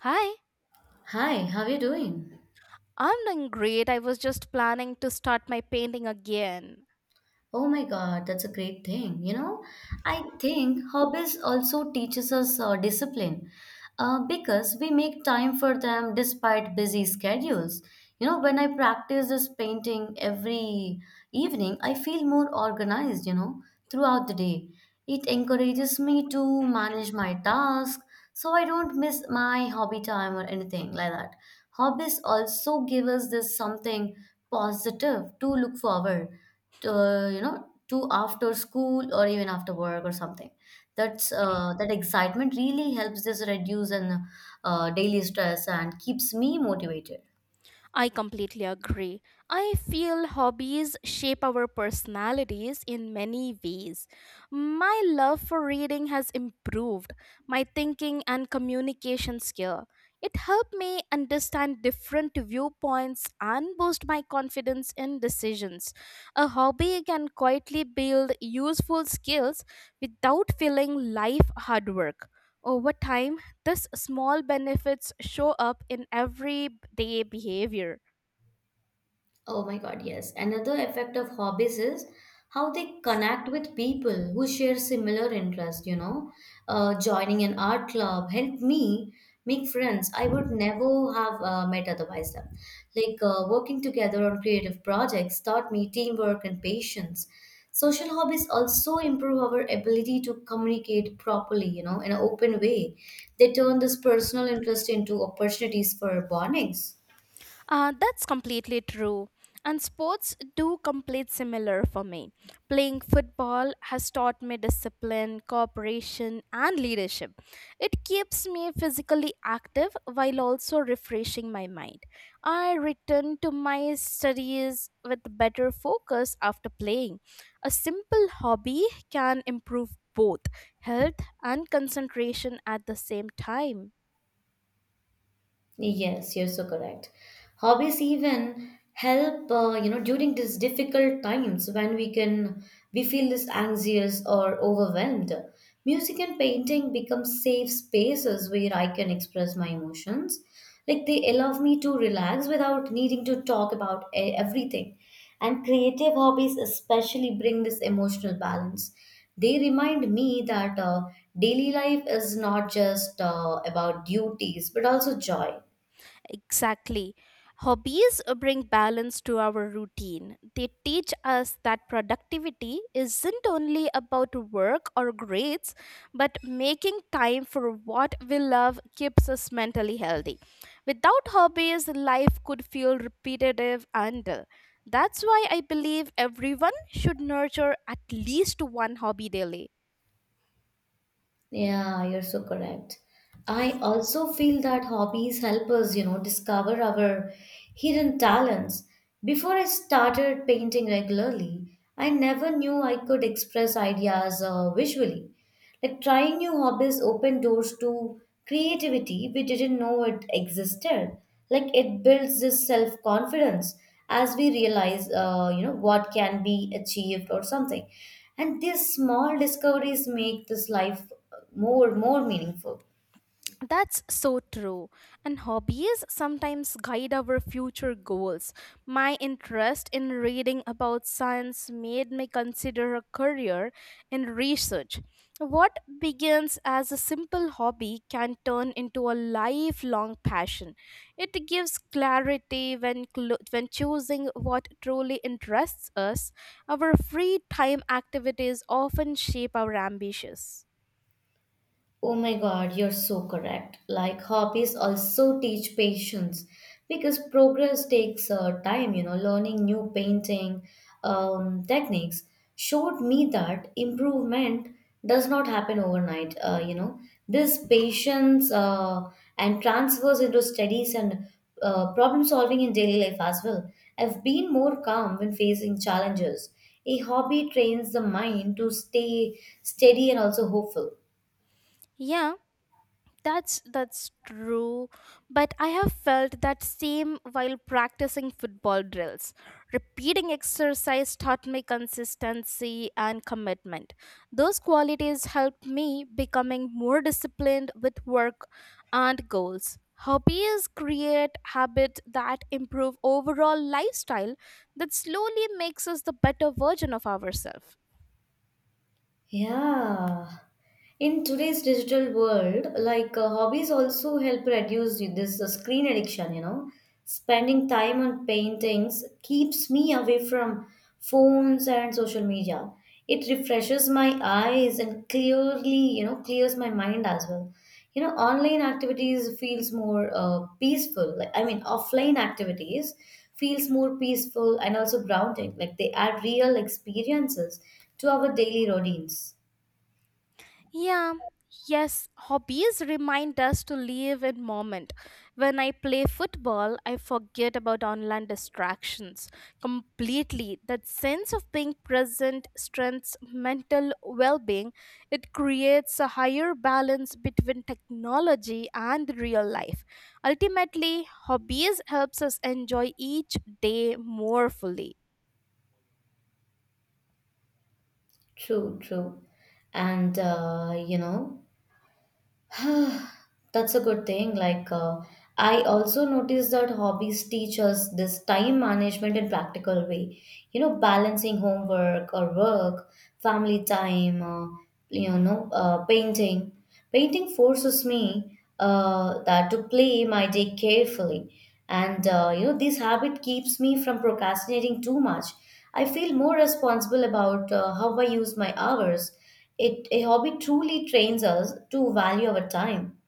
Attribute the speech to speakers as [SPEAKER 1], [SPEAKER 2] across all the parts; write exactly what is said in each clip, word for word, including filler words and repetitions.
[SPEAKER 1] Hi,
[SPEAKER 2] Hi, how are you doing?
[SPEAKER 1] I'm doing great. I was just planning to start my painting again.
[SPEAKER 2] Oh my God, that's a great thing. You know, I think hobbies also teaches us uh, discipline uh, because we make time for them despite busy schedules. You know, when I practice this painting every evening, I feel more organized, you know, throughout the day. It encourages me to manage my task so I don't miss my hobby time or anything like that. Hobbies also give us this something positive to look forward to, uh, you know to after school or even after work or something that's uh, that excitement really helps this reduce and uh, daily stress and keeps me motivated.
[SPEAKER 1] I completely agree. I feel hobbies shape our personalities in many ways. My love for reading has improved my thinking and communication skill. It helped me understand different viewpoints and boost my confidence in decisions. A hobby can quietly build useful skills without feeling life hard work. Over time, these small benefits show up in everyday behavior.
[SPEAKER 2] Oh my God, yes. Another effect of hobbies is how they connect with people who share similar interests, you know. Uh, joining an art club helped me make friends I would never have uh, met otherwise them. Like uh, working together on creative projects taught me teamwork and patience. Social hobbies also improve our ability to communicate properly, you know, in an open way. They turn this personal interest into opportunities for bondings.
[SPEAKER 1] Uh, that's completely true. And sports do complete similar for me. Playing football has taught me discipline, cooperation, and leadership. It keeps me physically active while also refreshing my mind. I return to my studies with better focus after playing. A simple hobby can improve both health and concentration at the same time.
[SPEAKER 2] Yes, you're so correct. Hobbies even help, uh, you know, during these difficult times when we can we feel this anxious or overwhelmed. Music and painting become safe spaces where I can express my emotions. Like they allow me to relax without needing to talk about e- everything. And creative hobbies especially bring this emotional balance. They remind me that uh, daily life is not just uh, about duties but also joy.
[SPEAKER 1] Exactly. Hobbies uh, bring balance to our routine. They teach us that productivity isn't only about work or grades, but making time for what we love keeps us mentally healthy. Without hobbies, life could feel repetitive and dull. That's why I believe everyone should nurture at least one hobby daily.
[SPEAKER 2] Yeah, you're so correct. I also feel that hobbies help us, you know, discover our hidden talents. Before I started painting regularly, I never knew I could express ideas uh, visually. Like trying new hobbies opened doors to creativity we didn't know it existed. Like it builds this self confidence as we realize uh, you know what can be achieved or something, and these small discoveries make this life more more meaningful.
[SPEAKER 1] That's so true. And hobbies sometimes guide our future goals. My interest in reading about science made me consider a career in research. What begins as a simple hobby can turn into a lifelong passion. It gives clarity when, clo- when choosing what truly interests us. Our free time activities often shape our ambitions.
[SPEAKER 2] Oh my God, you're so correct. Like hobbies also teach patience because progress takes uh, time, you know, learning new painting um, techniques showed me that improvement does not happen overnight, uh, you know. This patience uh, and transfers into studies and uh, problem solving in daily life as well. I've been more calm when facing challenges. A hobby trains the mind to stay steady and also hopeful.
[SPEAKER 1] Yeah, That's that's true, but I have felt that same while practicing football drills. Repeating exercise taught me consistency and commitment. Those qualities helped me becoming more disciplined with work and goals. Hobbies create habit that improve overall lifestyle that slowly makes us the better version of ourselves.
[SPEAKER 2] Yeah. In today's digital world, like uh, hobbies also help reduce this uh, screen addiction, you know. Spending time on paintings keeps me away from phones and social media. It refreshes my eyes and clearly, you know, clears my mind as well. You know, online activities feels more uh, peaceful. Like I mean, offline activities feels more peaceful and also grounding. Like they add real experiences to our daily routines.
[SPEAKER 1] Yeah, yes, hobbies remind us to live in moment. When I play football, I forget about online distractions completely. That sense of being present strengthens mental well-being. It creates a higher balance between technology and real life. Ultimately, hobbies helps us enjoy each day more fully.
[SPEAKER 2] True, true. And uh, you know, that's a good thing. Like, uh, I also noticed that hobbies teach us this time management in practical way. You know, balancing homework or work, family time, uh, you know, uh, painting. Painting forces me uh, that to play my day carefully, and uh, you know, this habit keeps me from procrastinating too much. I feel more responsible about uh, how I use my hours. It a hobby truly trains us to value our time.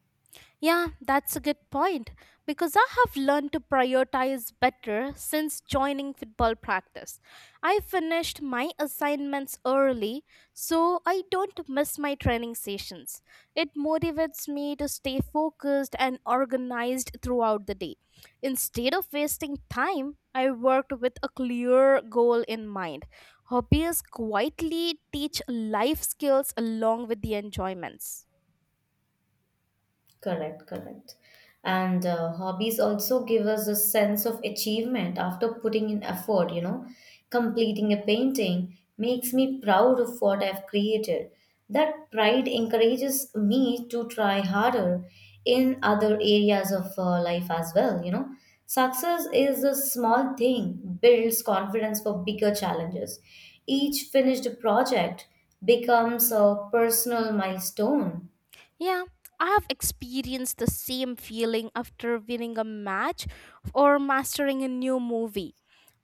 [SPEAKER 1] Yeah, that's a good point because I have learned to prioritize better since joining football practice. I finished my assignments early so I don't miss my training sessions. It motivates me to stay focused and organized throughout the day. Instead of wasting time, I worked with a clear goal in mind. Hobbies quietly teach life skills along with the enjoyments.
[SPEAKER 2] Correct, correct. And uh, hobbies also give us a sense of achievement after putting in effort, you know. Completing a painting makes me proud of what I've created. That pride encourages me to try harder in other areas of uh, life as well, you know. Success is a small thing, builds confidence for bigger challenges. Each finished project becomes a personal milestone.
[SPEAKER 1] Yeah, I have experienced the same feeling after winning a match or mastering a new movie.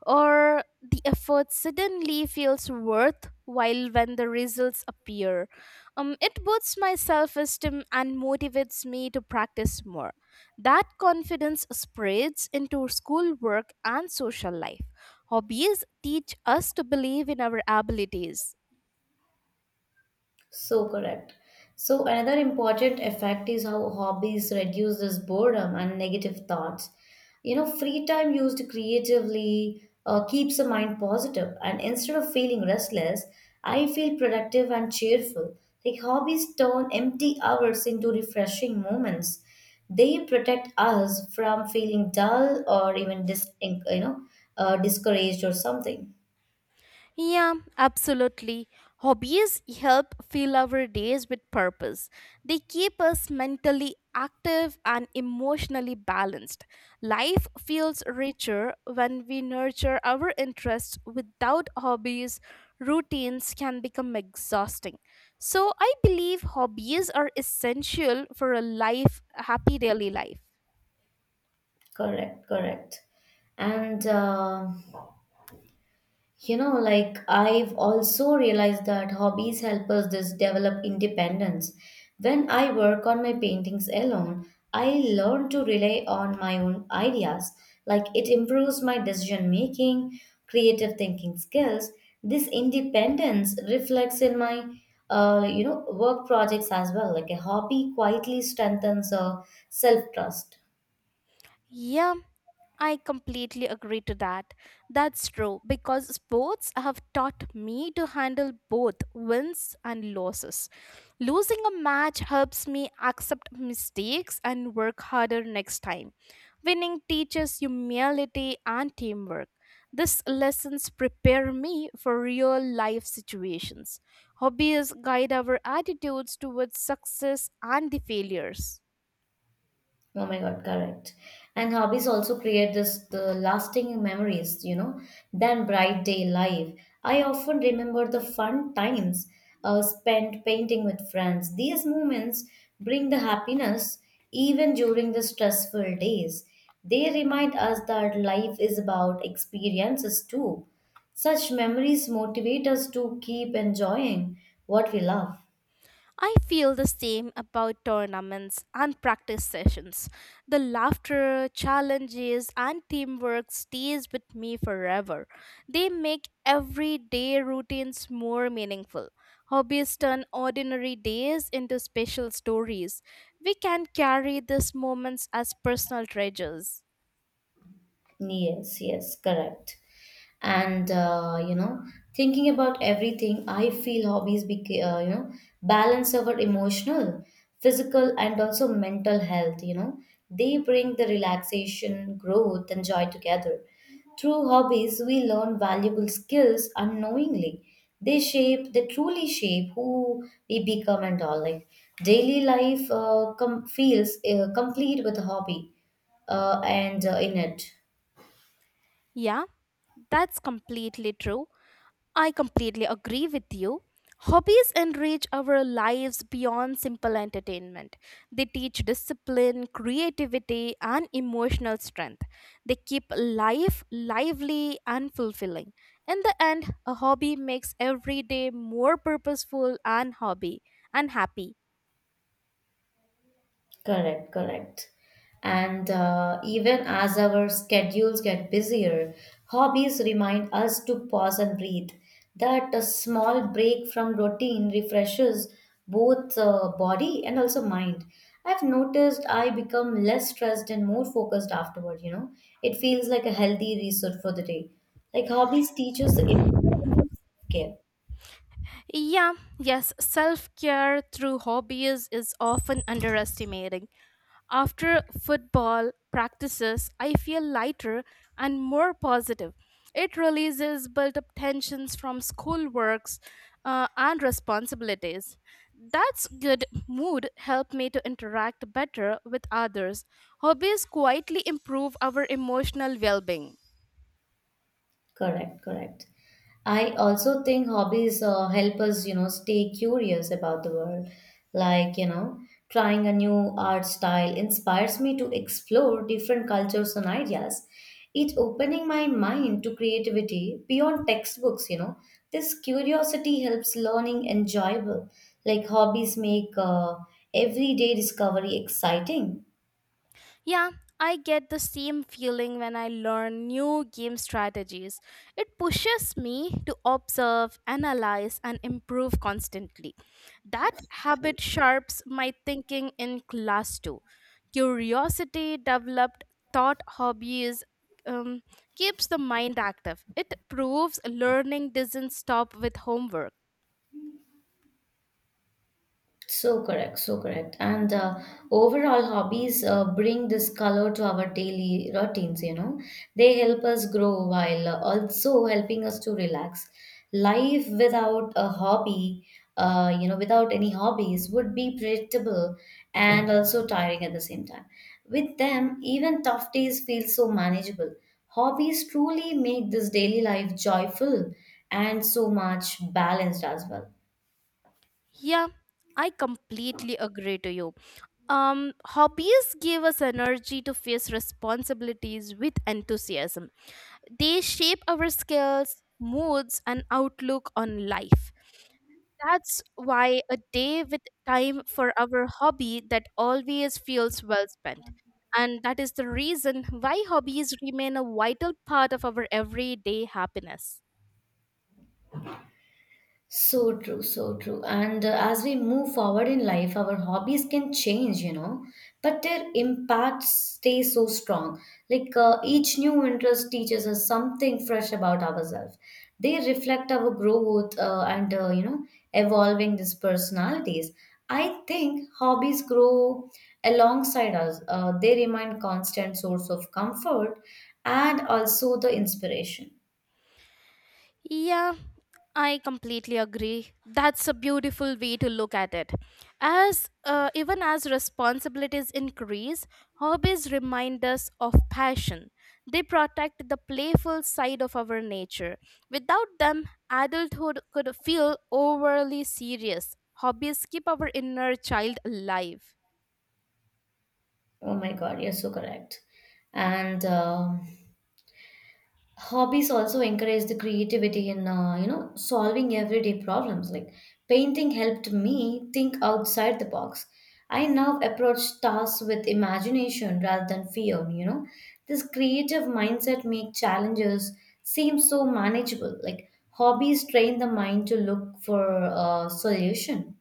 [SPEAKER 1] Or the effort suddenly feels worthwhile when the results appear. Um, it boosts my self esteem and motivates me to practice more. That confidence spreads into schoolwork and social life. Hobbies teach us to believe in our abilities.
[SPEAKER 2] So correct. So another important effect is how hobbies reduce this boredom and negative thoughts. You know, free time used creatively uh, keeps the mind positive, and instead of feeling restless, I feel productive and cheerful. Like hobbies turn empty hours into refreshing moments. They protect us from feeling dull or even dis- you know uh, discouraged or something.
[SPEAKER 1] Yeah, absolutely. Hobbies help fill our days with purpose. They keep us mentally active and emotionally balanced. Life feels richer when we nurture our interests. Without hobbies, routines can become exhausting. So, I believe hobbies are essential for a life, a happy daily life.
[SPEAKER 2] Correct, correct. And uh, You know, like I've also realized that hobbies help us just develop independence. When I work on my paintings alone, I learn to rely on my own ideas. Like it improves my decision making, creative thinking skills. This independence reflects in my, uh, you know, work projects as well. Like a hobby quietly strengthens uh, self trust.
[SPEAKER 1] Yeah, I completely agree to that. That's true because sports have taught me to handle both wins and losses. Losing a match helps me accept mistakes and work harder next time. Winning teaches humility and teamwork. These lessons prepare me for real life situations. Hobbies guide our attitudes towards success and the failures.
[SPEAKER 2] Oh my God, correct. And hobbies also create this the lasting memories, you know, than bright day life. I often remember the fun times uh, spent painting with friends. These moments bring the happiness even during the stressful days. They remind us that life is about experiences too. Such memories motivate us to keep enjoying what we love.
[SPEAKER 1] I feel the same about tournaments and practice sessions. The laughter, challenges, and teamwork stays with me forever. They make everyday routines more meaningful. Hobbies turn ordinary days into special stories. We can carry these moments as personal treasures.
[SPEAKER 2] Yes, yes, correct. And uh, you know, thinking about everything, I feel hobbies beca- uh, you know balance our emotional, physical, and also mental health. You know, they bring the relaxation, growth, and joy together. Through hobbies, we learn valuable skills unknowingly. They shape, they truly shape who we become and all. Like daily life uh, com- feels uh, complete with a hobby uh, and uh, in it.
[SPEAKER 1] Yeah, that's completely true. I completely agree with you. Hobbies enrich our lives beyond simple entertainment. They teach discipline, creativity, and emotional strength. They keep life lively and fulfilling. In the end, a hobby makes every day more purposeful and hobby and happy.
[SPEAKER 2] Correct, correct. And uh, even as our schedules get busier, hobbies remind us to pause and breathe. That a small break from routine refreshes both uh, body and also mind. I've noticed I become less stressed and more focused afterward, you know. It feels like a healthy reset for the day. Like hobbies teach us the importance of self-care.
[SPEAKER 1] Yeah, yes, self-care through hobbies is often underestimated. After football practices, I feel lighter and more positive. It releases built up tensions from schoolworks uh, and responsibilities. That's good mood help me to interact better with others. Hobbies quietly improve our emotional well-being.
[SPEAKER 2] Correct, correct. I also think hobbies uh, help us, you know, stay curious about the world. Like, you know, trying a new art style inspires me to explore different cultures and ideas. It opening my mind to creativity beyond textbooks, you know. This curiosity helps learning enjoyable. Like hobbies make uh, everyday discovery exciting.
[SPEAKER 1] Yeah, I get the same feeling when I learn new game strategies. It pushes me to observe, analyze, and improve constantly. That habit sharps my thinking in class too. Curiosity developed thought hobbies um, keeps the mind active. It proves learning doesn't stop with homework.
[SPEAKER 2] So correct, so correct. And uh, overall, hobbies uh, bring this color to our daily routines, you know. They help us grow while uh, also helping us to relax. Life without a hobby, uh, you know, without any hobbies would be predictable and also tiring at the same time. With them, even tough days feel so manageable. Hobbies truly make this daily life joyful and so much balanced as well.
[SPEAKER 1] Yeah, I completely agree to you. Um, hobbies give us energy to face responsibilities with enthusiasm. They shape our skills, moods, and outlook on life. That's why a day with time for our hobby that always feels well spent. And that is the reason why hobbies remain a vital part of our everyday happiness.
[SPEAKER 2] So true, so true. And uh, as we move forward in life, our hobbies can change, you know, but their impact stays so strong. Like uh, each new interest teaches us something fresh about ourselves. They reflect our growth uh, and, uh, you know, evolving these personalities. I think hobbies grow alongside us. Uh, they remain constant source of comfort and also the inspiration.
[SPEAKER 1] Yeah, I completely agree. That's a beautiful way to look at it. As uh, Even as responsibilities increase, hobbies remind us of passion. They protect the playful side of our nature. Without them, adulthood could feel overly serious. Hobbies keep our inner child alive.
[SPEAKER 2] Oh my God, you're so correct. And um hobbies also encourage the creativity in uh, you know solving everyday problems like painting helped me think outside the box. I now approach tasks with imagination rather than fear, you know. This creative mindset make challenges seem so manageable. Like hobbies train the mind to look for a solution.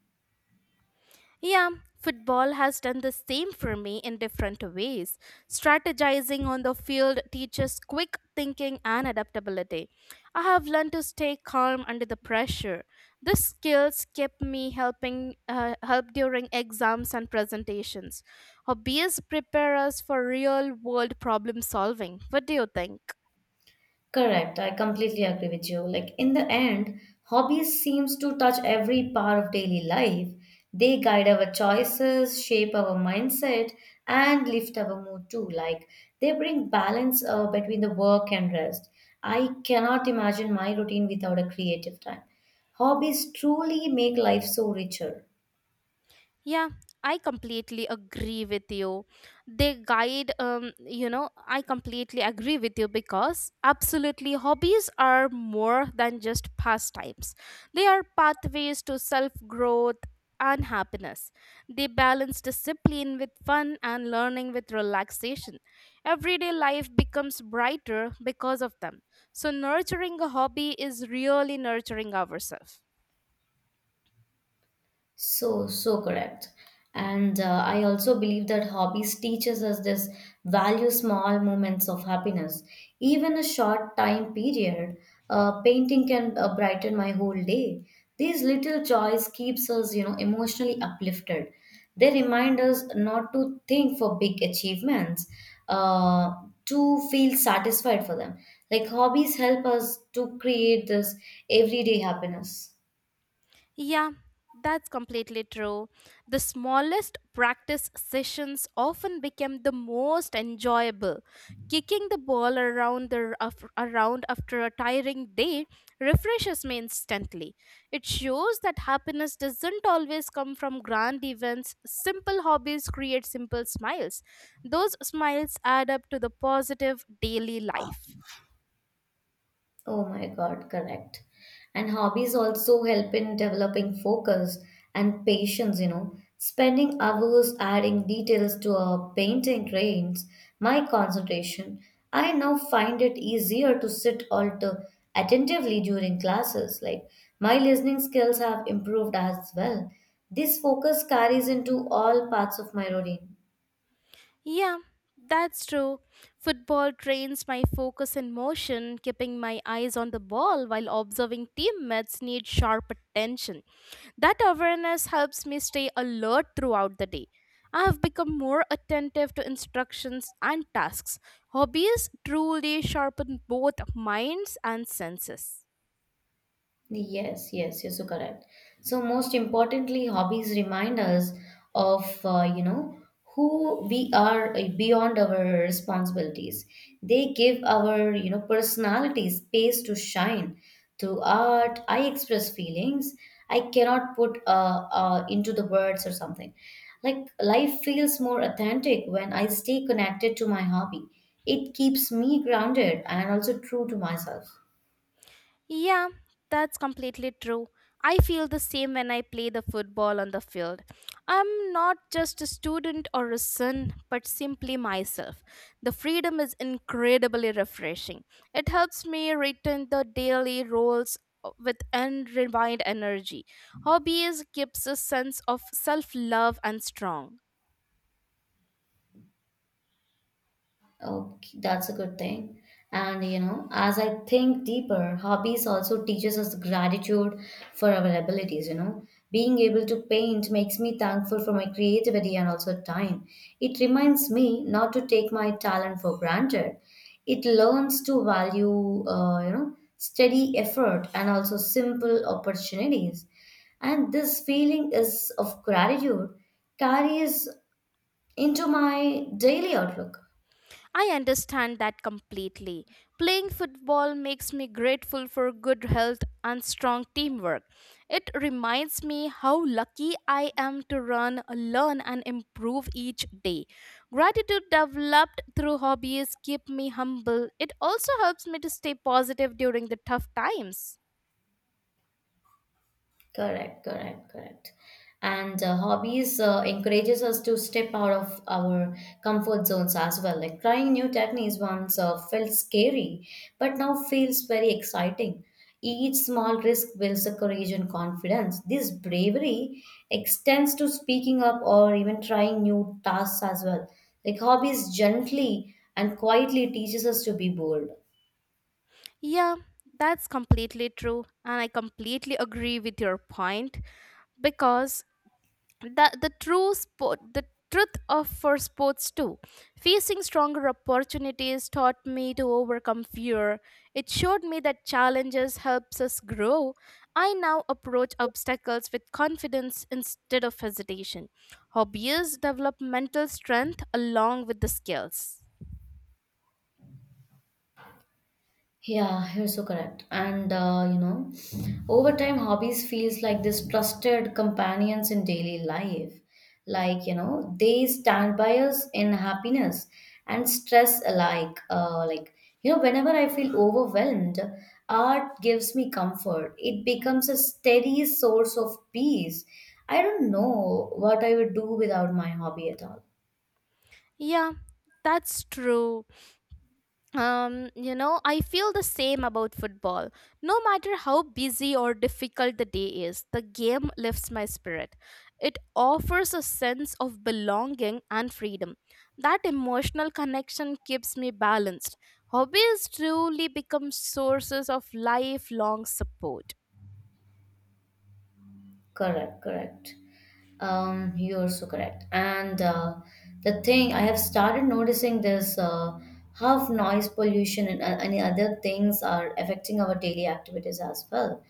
[SPEAKER 1] Yeah, football has done the same for me in different ways. Strategizing on the field teaches quick thinking and adaptability. I have learned to stay calm under the pressure. These skills kept me helping uh, help during exams and presentations. Hobbies prepare us for real world problem solving. What do you think?
[SPEAKER 2] Correct. I completely agree with you. Like in the end, hobbies seems to touch every part of daily life. They guide our choices, shape our mindset, and lift our mood too. Like they bring balance uh, between the work and rest. I cannot imagine my routine without a creative time. Hobbies truly make life so richer.
[SPEAKER 1] Yeah, I completely agree with you. They guide, um, you know, I completely agree with you because absolutely hobbies are more than just pastimes. They are pathways to self growth and happiness. They balance discipline with fun and learning with relaxation. Everyday life becomes brighter because of them. So, nurturing a hobby is really nurturing ourselves.
[SPEAKER 2] So, so correct. And uh, I also believe that hobbies teaches us this value small moments of happiness. Even a short time period, uh, painting can uh, brighten my whole day. These little joys keeps us, you know, emotionally uplifted. They remind us not to think for big achievements, uh, to feel satisfied for them. Like hobbies help us to create this everyday happiness.
[SPEAKER 1] Yeah, that's completely true. The smallest practice sessions often become the most enjoyable. Kicking the ball around the af- around after a tiring day refreshes me instantly. It shows that happiness doesn't always come from grand events. Simple hobbies create simple smiles. Those smiles add up to the positive daily life.
[SPEAKER 2] Oh my God, correct. And hobbies also help in developing focus and patience, you know. Spending hours adding details to a painting drains my concentration. I now find it easier to sit alter attentively during classes. Like my listening skills have improved as well. This focus carries into all parts of my routine.
[SPEAKER 1] Yeah, that's true. Football trains my focus and motion, keeping my eyes on the ball while observing teammates need sharp attention. That awareness helps me stay alert throughout the day. I have become more attentive to instructions and tasks. Hobbies truly sharpen both minds and senses.
[SPEAKER 2] Yes, yes, yes, you're so correct. So most importantly, hobbies remind us of uh, you know who we are uh, beyond our responsibilities. They give our you know personality space to shine. Through art, I express feelings I cannot put uh, uh, into the words or something. Like life feels more authentic when I stay connected to my hobby. It keeps me grounded and also true to myself.
[SPEAKER 1] Yeah, that's completely true. I feel the same when I play the football on the field. I'm not just a student or a son, but simply myself. The freedom is incredibly refreshing. It helps me return the daily roles uh, with unrefined energy. Hobbies keeps a sense of self-love and strong.
[SPEAKER 2] Okay, that's a good thing. And you know, as I think deeper, hobbies also teaches us gratitude for our abilities, you know. Being able to paint makes me thankful for my creativity and also time. It reminds me not to take my talent for granted. It learns to value, uh, you know, steady effort and also simple opportunities. And this feeling is of gratitude carries into my daily outlook.
[SPEAKER 1] I understand that completely. Playing football makes me grateful for good health and strong teamwork. It reminds me how lucky I am to run, learn, and improve each day. Gratitude developed through hobbies keep me humble. It also helps me to stay positive during the tough times.
[SPEAKER 2] Correct, correct, correct. And uh, hobbies uh, encourages us to step out of our comfort zones as well. Like trying new techniques once uh, felt scary, but now feels very exciting. Each small risk builds the courage and confidence. This bravery extends to speaking up or even trying new tasks as well. Like hobbies gently and quietly teaches us to be bold.
[SPEAKER 1] Yeah, that's completely true, and I completely agree with your point because the the true sport the truth of for sports too, facing stronger opportunities taught me to overcome fear. It showed me that challenges helps us grow. I now approach obstacles with confidence instead of hesitation. Hobbies develop mental strength along with the skills.
[SPEAKER 2] Yeah, you're so correct. And uh, you know, over time, hobbies feels like this trusted companions in daily life. Like you know, they stand by us in happiness and stress alike. Uh, like you know, whenever I feel overwhelmed, art gives me comfort. It becomes a steady source of peace. I don't know what I would do without my hobby at all.
[SPEAKER 1] Yeah, that's true. um you know I feel the same about football. No matter how busy or difficult the day is, the game lifts my spirit. It offers a sense of belonging and freedom. That emotional connection keeps me balanced. Hobbies truly become sources of lifelong support.
[SPEAKER 2] Correct, correct. Um, you're so correct. And uh, the thing I have started noticing this uh, how noise pollution and uh, any other things are affecting our daily activities as well.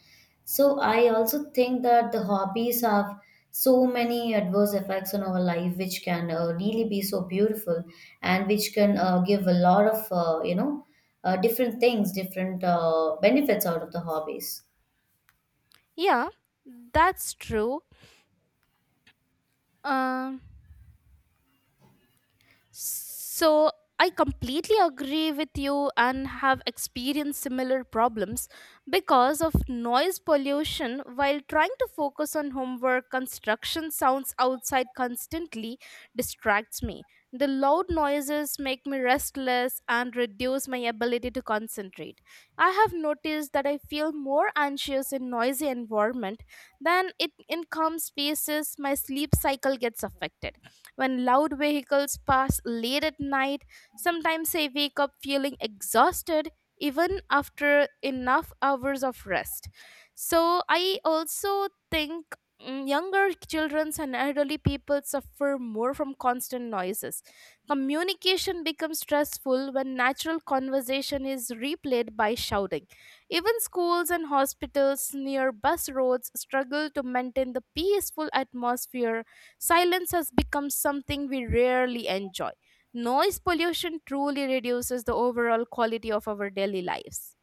[SPEAKER 2] So I also think that the hobbies have so many adverse effects on our life, which can uh, really be so beautiful and which can uh, give a lot of uh, you know uh, different things, different uh, benefits out of the hobbies.
[SPEAKER 1] Yeah, that's true. um So I completely agree with you and have experienced similar problems because of noise pollution while trying to focus on homework. Construction sounds outside constantly distracts me. The loud noises make me restless and reduce my ability to concentrate. I have noticed that I feel more anxious in noisy environment than it in calm spaces. My sleep cycle gets affected. When loud vehicles pass late at night, sometimes I wake up feeling exhausted even after enough hours of rest. So I also think mm, younger children and elderly people suffer more from constant noises. Communication becomes stressful when natural conversation is replayed by shouting. Even schools and hospitals near bus roads struggle to maintain the peaceful atmosphere. Silence has become something we rarely enjoy. Noise pollution truly reduces the overall quality of our daily lives.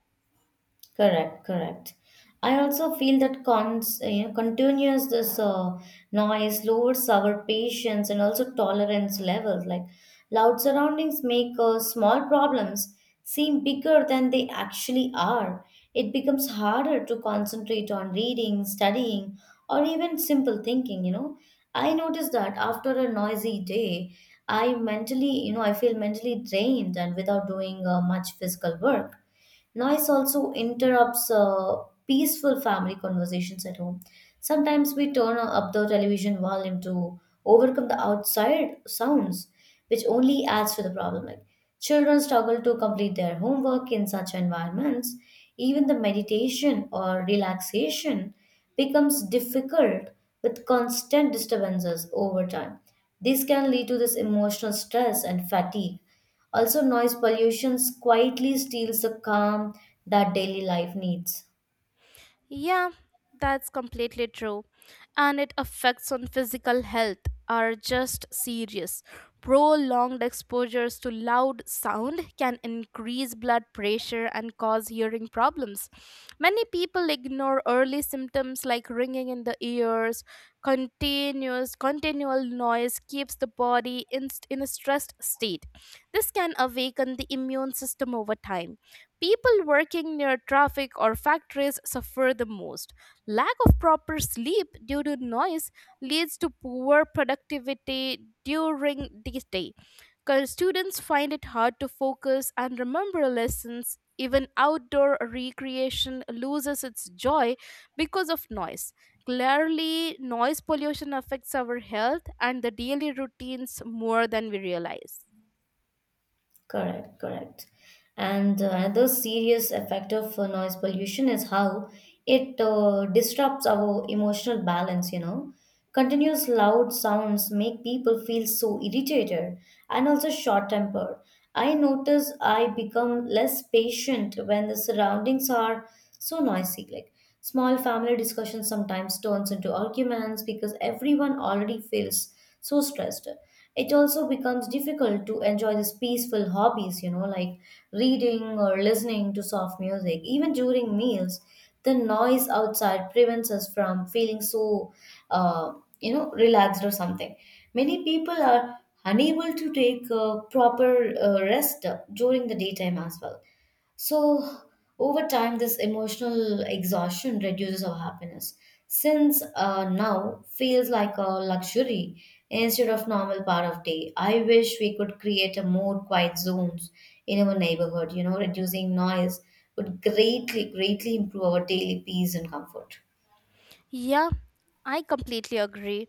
[SPEAKER 2] Correct, correct. I also feel that cons, uh, you know, continuous this uh, noise lowers our patience and also tolerance levels. Like loud surroundings make uh, small problems seem bigger than they actually are. It becomes harder to concentrate on reading, studying, or even simple thinking. You know, I noticed that after a noisy day, I mentally, you know, I feel mentally drained and without doing uh, much physical work. Noise also interrupts uh, peaceful family conversations at home. Sometimes we turn up the television volume to overcome the outside sounds, which only adds to the problem. Like children struggle to complete their homework in such environments. Even the meditation or relaxation becomes difficult with constant disturbances over time. This can lead to this emotional stress and fatigue. Also, noise pollution quietly steals the calm that daily life needs.
[SPEAKER 1] Yeah, that's completely true. And it affects on physical health are just serious. Prolonged exposures to loud sound can increase blood pressure and cause hearing problems. Many people ignore early symptoms like ringing in the ears. Continuous continual noise keeps the body in, in a stressed state. This can awaken the immune system over time. People working near traffic or factories suffer the most. Lack of proper sleep due to noise leads to poor productivity during the day. 'Cause students find it hard to focus and remember lessons. Even outdoor recreation loses its joy because of noise. Clearly, noise pollution affects our health and the daily routines more than we realize.
[SPEAKER 2] Correct, correct. And uh, another serious effect of uh, noise pollution is how it uh, disrupts our emotional balance, you know. Continuous loud sounds make people feel so irritated and also short-tempered. I notice I become less patient when the surroundings are so noisy. Like small family discussions sometimes turns into arguments because everyone already feels so stressed. It also becomes difficult to enjoy these peaceful hobbies, you know, like reading or listening to soft music. Even during meals, the noise outside prevents us from feeling so, uh, you know, relaxed or something. Many people are unable to take uh, proper uh, rest during the daytime as well. So, over time, this emotional exhaustion reduces our happiness, since uh, now feels like a luxury instead of normal part of day. I wish we could create a more quiet zones in our neighborhood. You know, reducing noise would greatly, greatly improve our daily peace and comfort.
[SPEAKER 1] Yeah, I completely agree.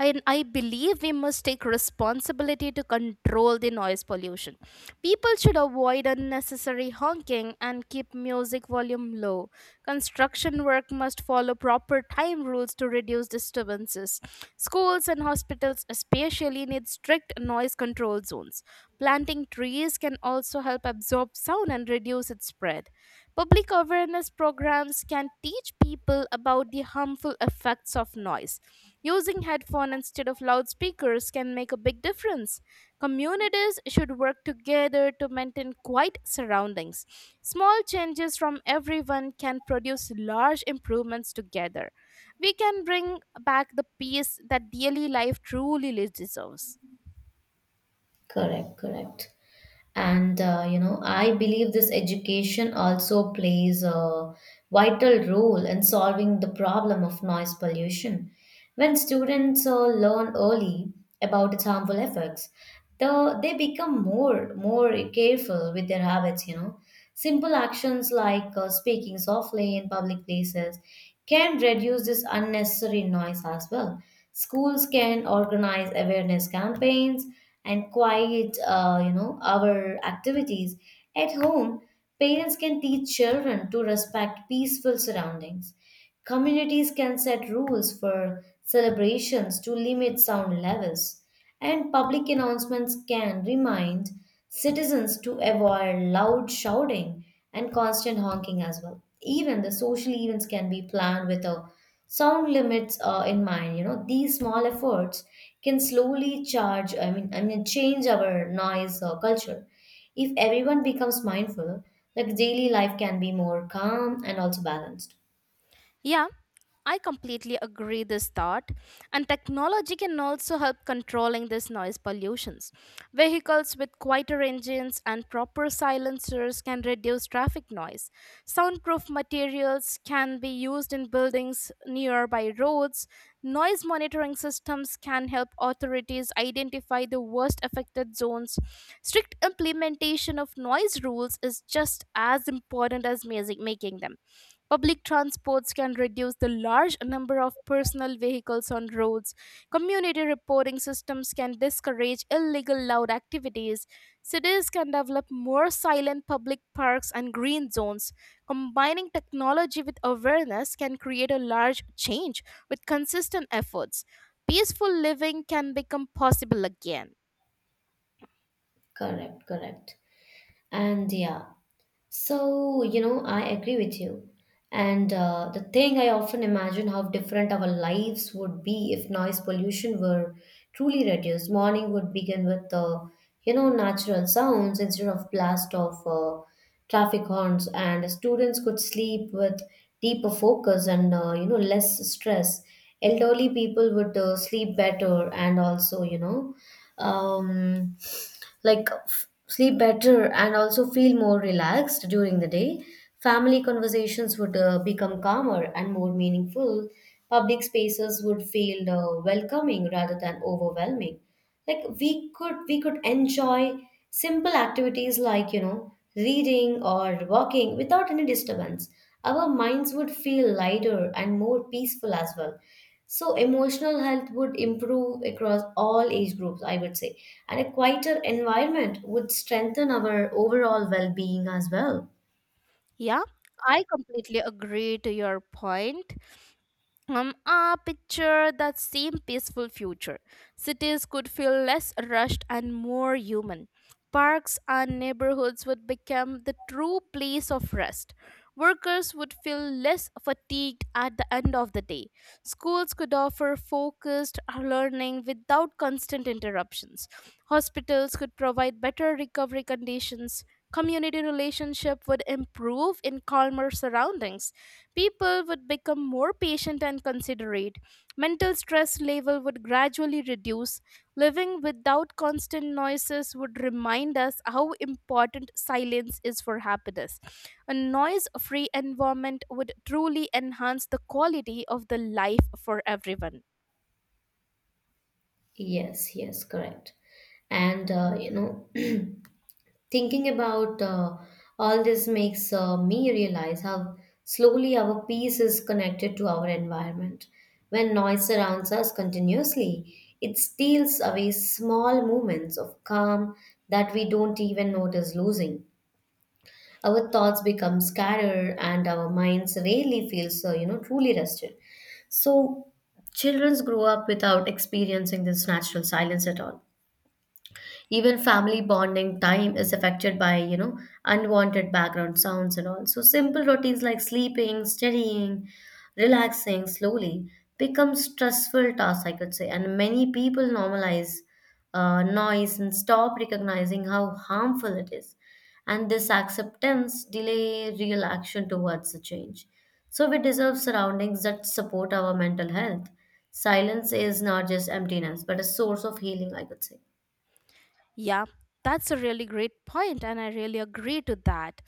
[SPEAKER 1] And I believe we must take responsibility to control the noise pollution. People should avoid unnecessary honking and keep music volume low. Construction work must follow proper time rules to reduce disturbances. Schools and hospitals, especially, need strict noise control zones. Planting trees can also help absorb sound and reduce its spread. Public awareness programs can teach people people about the harmful effects of noise. Using headphones instead of loudspeakers can make a big difference. Communities should work together to maintain quiet surroundings. Small changes from everyone can produce large improvements together. We can bring back the peace that daily life truly deserves.
[SPEAKER 2] Correct, correct. And uh, you know I believe this education also plays a vital role in solving the problem of noise pollution when students uh, learn early about its harmful effects. The, they become more more careful with their habits. You know, simple actions like uh, speaking softly in public places can reduce this unnecessary noise as well. Schools can organize awareness campaigns and quiet uh, you know our activities at home. Parents can teach children to respect peaceful surroundings. Communities can set rules for celebrations to limit sound levels, and public announcements can remind citizens to avoid loud shouting and constant honking as well. Even the social events can be planned with a sound limits uh, in mind. You know, these small efforts can slowly charge I mean I mean change our noise uh, culture. If everyone becomes mindful, like daily life can be more calm and also balanced.
[SPEAKER 1] Yeah, I completely agree this thought, and technology can also help controlling this noise pollutions. Vehicles with quieter engines and proper silencers can reduce traffic noise. Soundproof materials can be used in buildings nearby roads. Noise monitoring systems can help authorities identify the worst affected zones. Strict implementation of noise rules is just as important as music making them. Public transports can reduce the large number of personal vehicles on roads. Community reporting systems can discourage illegal loud activities. Cities can develop more silent public parks and green zones. Combining technology with awareness can create a large change with consistent efforts. Peaceful living can become possible again.
[SPEAKER 2] Correct, correct. And yeah, So, you know, I agree with you. And uh, the thing, I often imagine how different our lives would be if noise pollution were truly reduced. Morning would begin with, uh, you know, natural sounds instead of blast of uh, traffic horns, and students could sleep with deeper focus and, uh, you know, less stress. Elderly people would uh, sleep better and also, you know, um, like f- sleep better and also feel more relaxed during the day. Family conversations would uh, become calmer and more meaningful. Public spaces would feel uh, welcoming rather than overwhelming. Like we could we could enjoy simple activities like you know reading or walking without any disturbance. Our minds would feel lighter and more peaceful as well. So emotional health would improve across all age groups, I would say. And a quieter environment would strengthen our overall well-being as well.
[SPEAKER 1] Yeah, I completely agree to your point. um, uh, picture that same peaceful future. Cities could feel less rushed and more human. Parks and neighborhoods would become the true place of rest. Workers would feel less fatigued at the end of the day. Schools could offer focused learning without constant interruptions. Hospitals could provide better recovery conditions. Community relationship would improve in calmer surroundings. People would become more patient and considerate. Mental stress level would gradually reduce. Living without constant noises would remind us how important silence is for happiness. A noise-free environment would truly enhance the quality of the life for everyone.
[SPEAKER 2] Yes, yes, correct. And uh, you know, thinking about uh, all this makes uh, me realize how slowly our peace is connected to our environment. When noise surrounds us continuously, it steals away small moments of calm that we don't even notice losing. Our thoughts become scattered and our minds rarely feel so you know truly rested. So children grow up without experiencing this natural silence at all. Even family bonding time is affected by you know unwanted background sounds and all. So simple routines like sleeping, studying, relaxing slowly become stressful tasks, I could say. And many people normalize uh, noise and stop recognizing how harmful it is, and this acceptance delay real action towards the change. So we deserve surroundings that support our mental health. Silence is not just emptiness but a source of healing, I could say.
[SPEAKER 1] Yeah, that's a really great point, and I really agree to that.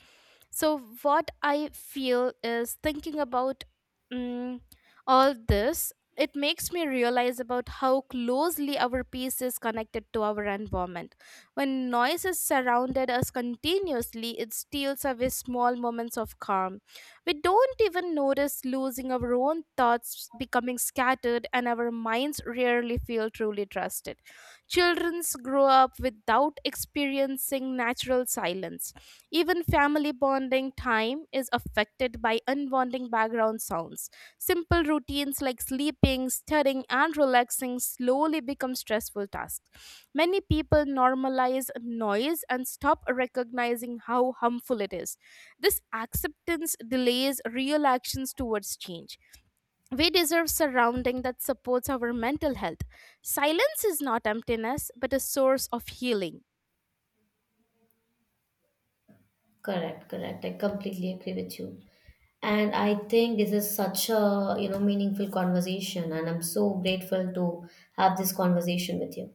[SPEAKER 1] So, what I feel is thinking about mm all this, it makes me realize about how closely our peace is connected to our environment. When noise is surrounded us continuously, it steals away small moments of calm. We don't even notice losing our own thoughts becoming scattered, and our minds rarely feel truly trusted. Childrens grow up without experiencing natural silence. Even family bonding time is affected by unwanted background sounds. Simple routines like sleeping, studying, and relaxing slowly become stressful tasks. Many people normalize noise and stop recognizing how harmful it is. This acceptance delays real actions towards change. We deserve surrounding that supports our mental health. Silence is not emptiness, but a source of healing.
[SPEAKER 2] Correct, correct. I completely agree with you. And I think this is such a, you know, meaningful conversation and I'm so grateful to have this conversation with you.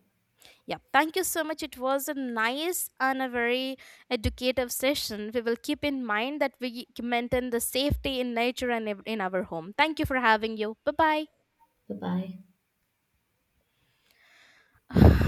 [SPEAKER 1] Yeah, thank you so much. It was a nice and a very educative session. We will keep in mind that we maintain the safety in nature and in our home. Thank you for having you. Bye
[SPEAKER 2] Bye-bye.
[SPEAKER 1] bye.